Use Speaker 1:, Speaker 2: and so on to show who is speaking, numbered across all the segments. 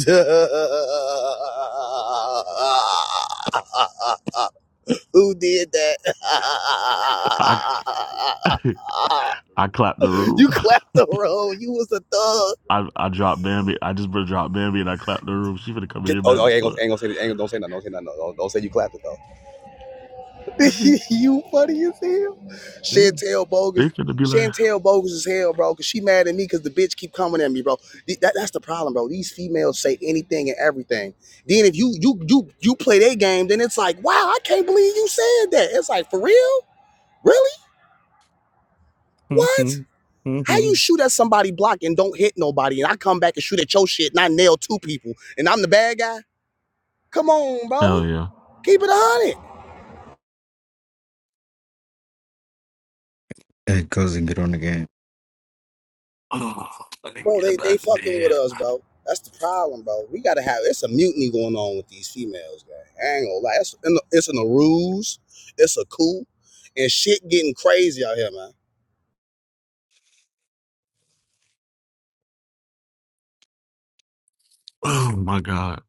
Speaker 1: Who did that?
Speaker 2: I I clapped the room.
Speaker 1: you clapped the roll. You was a thug.
Speaker 2: I I dropped Bambi. I just been dropped Bambi and I clapped the room. She finna come
Speaker 1: Get,
Speaker 2: here
Speaker 1: oh,
Speaker 2: mad
Speaker 1: oh, I
Speaker 2: as
Speaker 1: ain't gonna,
Speaker 2: fuck.
Speaker 1: ain't gonna say, ain't gonna, don't say nothing. Don't say nothing. Don't, don't say you clapped it though. you funny as hell.
Speaker 2: They
Speaker 1: Chantel bogus.
Speaker 2: they finna be like,
Speaker 1: Chantel bogus as hell, bro. Cause she mad at me because the bitch keep coming at me, bro. That, that's the problem, bro. These females say anything and everything. Then if you you you you play their game, then it's like, wow, I can't believe you said that. It's like for real, really? What?
Speaker 2: mm-hmm,
Speaker 1: How
Speaker 2: mm-hmm.
Speaker 1: you shoot at somebody block and don't hit nobody, and I come back and shoot at your shit and I nail two people, and I'm the bad guy? Come on, bro.
Speaker 2: hell yeah.
Speaker 1: Keep it a hundred.
Speaker 3: It Echoes groan again.
Speaker 2: Oh, I can
Speaker 1: Bro,
Speaker 2: get
Speaker 1: they
Speaker 2: up
Speaker 1: they
Speaker 2: the
Speaker 1: fucking with
Speaker 2: bed.
Speaker 1: us, bro. That's the problem, bro. We gotta have it's a mutiny going on with these females, man. I ain't gonna lie. It's in the, it's in the ruse, it's a coup, and shit getting crazy out here, man.
Speaker 2: Oh my god.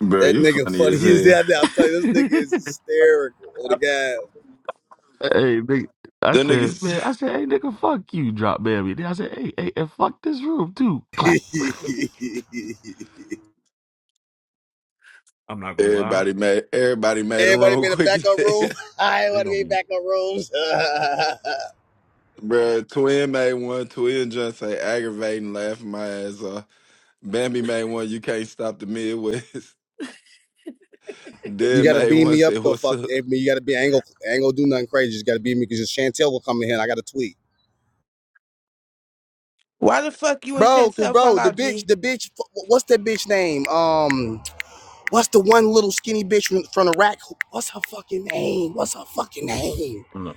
Speaker 4: Bro,
Speaker 1: That
Speaker 4: you
Speaker 1: nigga
Speaker 4: funny
Speaker 1: funny
Speaker 4: as
Speaker 1: is
Speaker 4: hell.
Speaker 1: that now. I'm
Speaker 2: hey,
Speaker 1: telling you, this nigga is hysterical. Oh the guy.
Speaker 2: nigga. I
Speaker 4: Them
Speaker 2: said,
Speaker 4: niggas,
Speaker 2: man. I said, hey, nigga, fuck you, drop Bambi. Then I said, hey, hey, and fuck this room too. Clap. I'm not gonna lie.
Speaker 4: everybody made everybody made a
Speaker 1: Everybody be
Speaker 4: room
Speaker 1: in the
Speaker 4: quick as
Speaker 1: backup
Speaker 4: hell.
Speaker 1: room. I ain't
Speaker 2: They
Speaker 1: wanna
Speaker 2: gonna
Speaker 1: be in
Speaker 2: be.
Speaker 1: backup rooms.
Speaker 4: Bro, Twin made one. Twin just say aggravating, laughing my ass off. Bambi made one. You can't stop the Midwest.
Speaker 1: you
Speaker 4: Dead
Speaker 1: gotta
Speaker 4: made
Speaker 1: beam
Speaker 4: one.
Speaker 1: me up
Speaker 4: Said
Speaker 1: though,
Speaker 4: what's
Speaker 1: fuck.
Speaker 4: up?
Speaker 1: I mean, You gotta be I ain't gonna do nothing crazy. You just gotta beam me because Chantel will come in here and I gotta tweet.
Speaker 5: Why the fuck you and
Speaker 1: Bro, cause
Speaker 5: Chantel fall
Speaker 1: bro, the
Speaker 5: out,
Speaker 1: bitch,
Speaker 5: G?
Speaker 1: the bitch, what's that bitch name? Um, what's the one little skinny bitch from Iraq? What's her fucking name? What's her fucking name?
Speaker 2: no.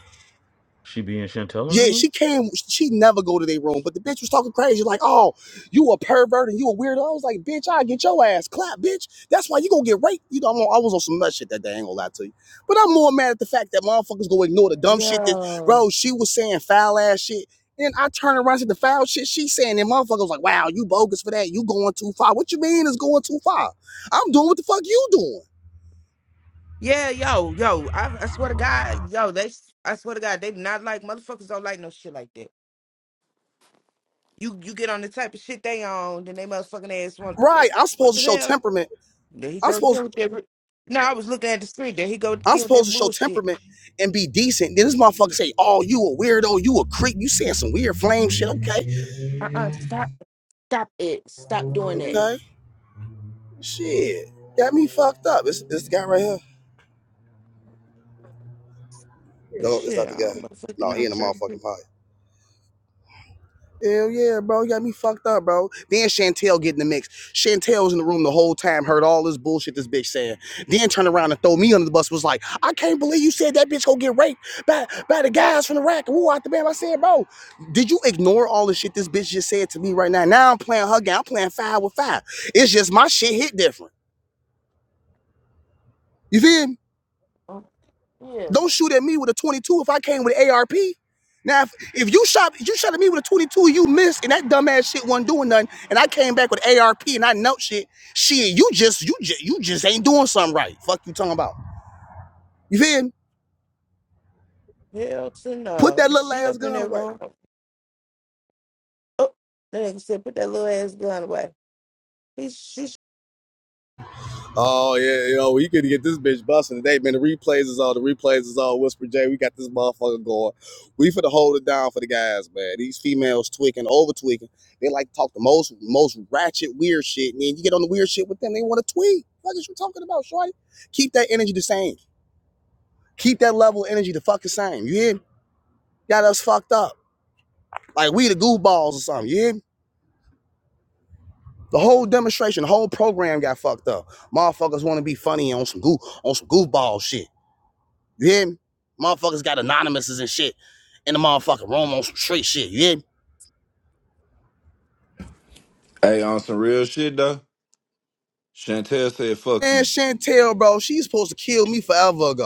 Speaker 2: She be in Chantel in the
Speaker 1: Yeah,
Speaker 2: room?
Speaker 1: she came. She never go to their room, but the bitch was talking crazy. Like, oh, you a pervert and you a weirdo. I was like, bitch, I get your ass clapped, bitch. That's why you gonna get raped. You know, I'm on, I was on some nut shit that day. I ain't gonna lie to you, but I'm more mad at the fact that motherfuckers gonna ignore the dumb shit that,
Speaker 5: Yo.
Speaker 1: bro. She was saying foul ass shit. and I turn around to the foul shit she's saying, and motherfuckers like, wow, you bogus for that. You going too far. What you mean is going too far? I'm doing what the fuck you doing.
Speaker 5: Yeah, yo, yo. I, I swear to God, yo, they I swear to God, they not like motherfuckers don't like no shit like that. You you get on the type of shit they on, then they motherfucking ass want
Speaker 1: Right.
Speaker 5: what
Speaker 1: I'm
Speaker 5: what
Speaker 1: supposed
Speaker 5: the
Speaker 1: to show
Speaker 5: hell?
Speaker 1: temperament.
Speaker 5: Then he
Speaker 1: I'm
Speaker 5: go
Speaker 1: supposed
Speaker 5: get with that. No, I was looking at the street. There he go
Speaker 1: I'm
Speaker 5: get with
Speaker 1: supposed
Speaker 5: that
Speaker 1: to show
Speaker 5: bullshit.
Speaker 1: temperament and be decent. Then this motherfucker say, "Oh, you a weirdo, you a creep, you saying some weird flame shit." Okay,
Speaker 5: Uh uh Stop. Stop it. Stop doing that.
Speaker 1: okay, shit, got me fucked up. It's this guy right here. The old
Speaker 5: Shit, I
Speaker 1: guy.
Speaker 5: don't motherfucking
Speaker 1: No,
Speaker 5: know.
Speaker 1: he
Speaker 5: I'm
Speaker 1: in the
Speaker 5: trying to
Speaker 1: motherfucking
Speaker 5: think.
Speaker 1: pot. Hell yeah, bro. You got me fucked up, bro. Then Chantel get in the mix. Chantel was in the room the whole time, heard all this bullshit this bitch saying. Then turned around and throw me under the bus, was like, I can't believe you said that bitch go get raped by, by the guys from the rack. Woo, out the band. I said, bro, did you ignore all the shit this bitch just said to me right now? Now I'm playing her game. I'm playing five with five. It's just my shit hit different. You feel me?
Speaker 5: Oh, Yeah.
Speaker 1: Don't shoot at me with a 22 if I came with an ARP. Now, if, if you shot if you shot at me with a 22, you missed, and that dumbass shit wasn't doing nothing, and I came back with ARP and I knelt shit. Shit, you just you just you just ain't doing something right. Fuck you talking about. You feel me?
Speaker 5: Hell to
Speaker 1: Put that
Speaker 5: no.
Speaker 1: little
Speaker 5: She
Speaker 1: ass
Speaker 5: up in
Speaker 1: gun
Speaker 5: that
Speaker 1: away.
Speaker 5: room. Oh, that nigga said, put that little ass gun away. Ish
Speaker 1: Oh yeah, you know we could get this bitch busting today, man. The replays is all the replays is all Whisper J. We got this motherfucker going. We finna hold it down for the guys, man. These females tweaking, over tweaking. They like to talk the most most ratchet weird shit, and then you get on the weird shit with them, they want to tweet. What is you talking about, shorty? Keep that energy the same. Keep that level of energy the fuck the same. You hear me? Got us fucked up. Like we the goofballs or something. You hear me? The whole demonstration, the whole program got fucked up. Motherfuckers want to be funny on some goof on some goofball shit. You hear me? Motherfuckers got anonymouses and shit in the motherfucking room on some straight shit. You hear me?
Speaker 4: Hey, on some real shit though. Chantel said fuck
Speaker 1: Man,
Speaker 4: you.
Speaker 1: Chantel, bro, she's supposed to kill me forever ago.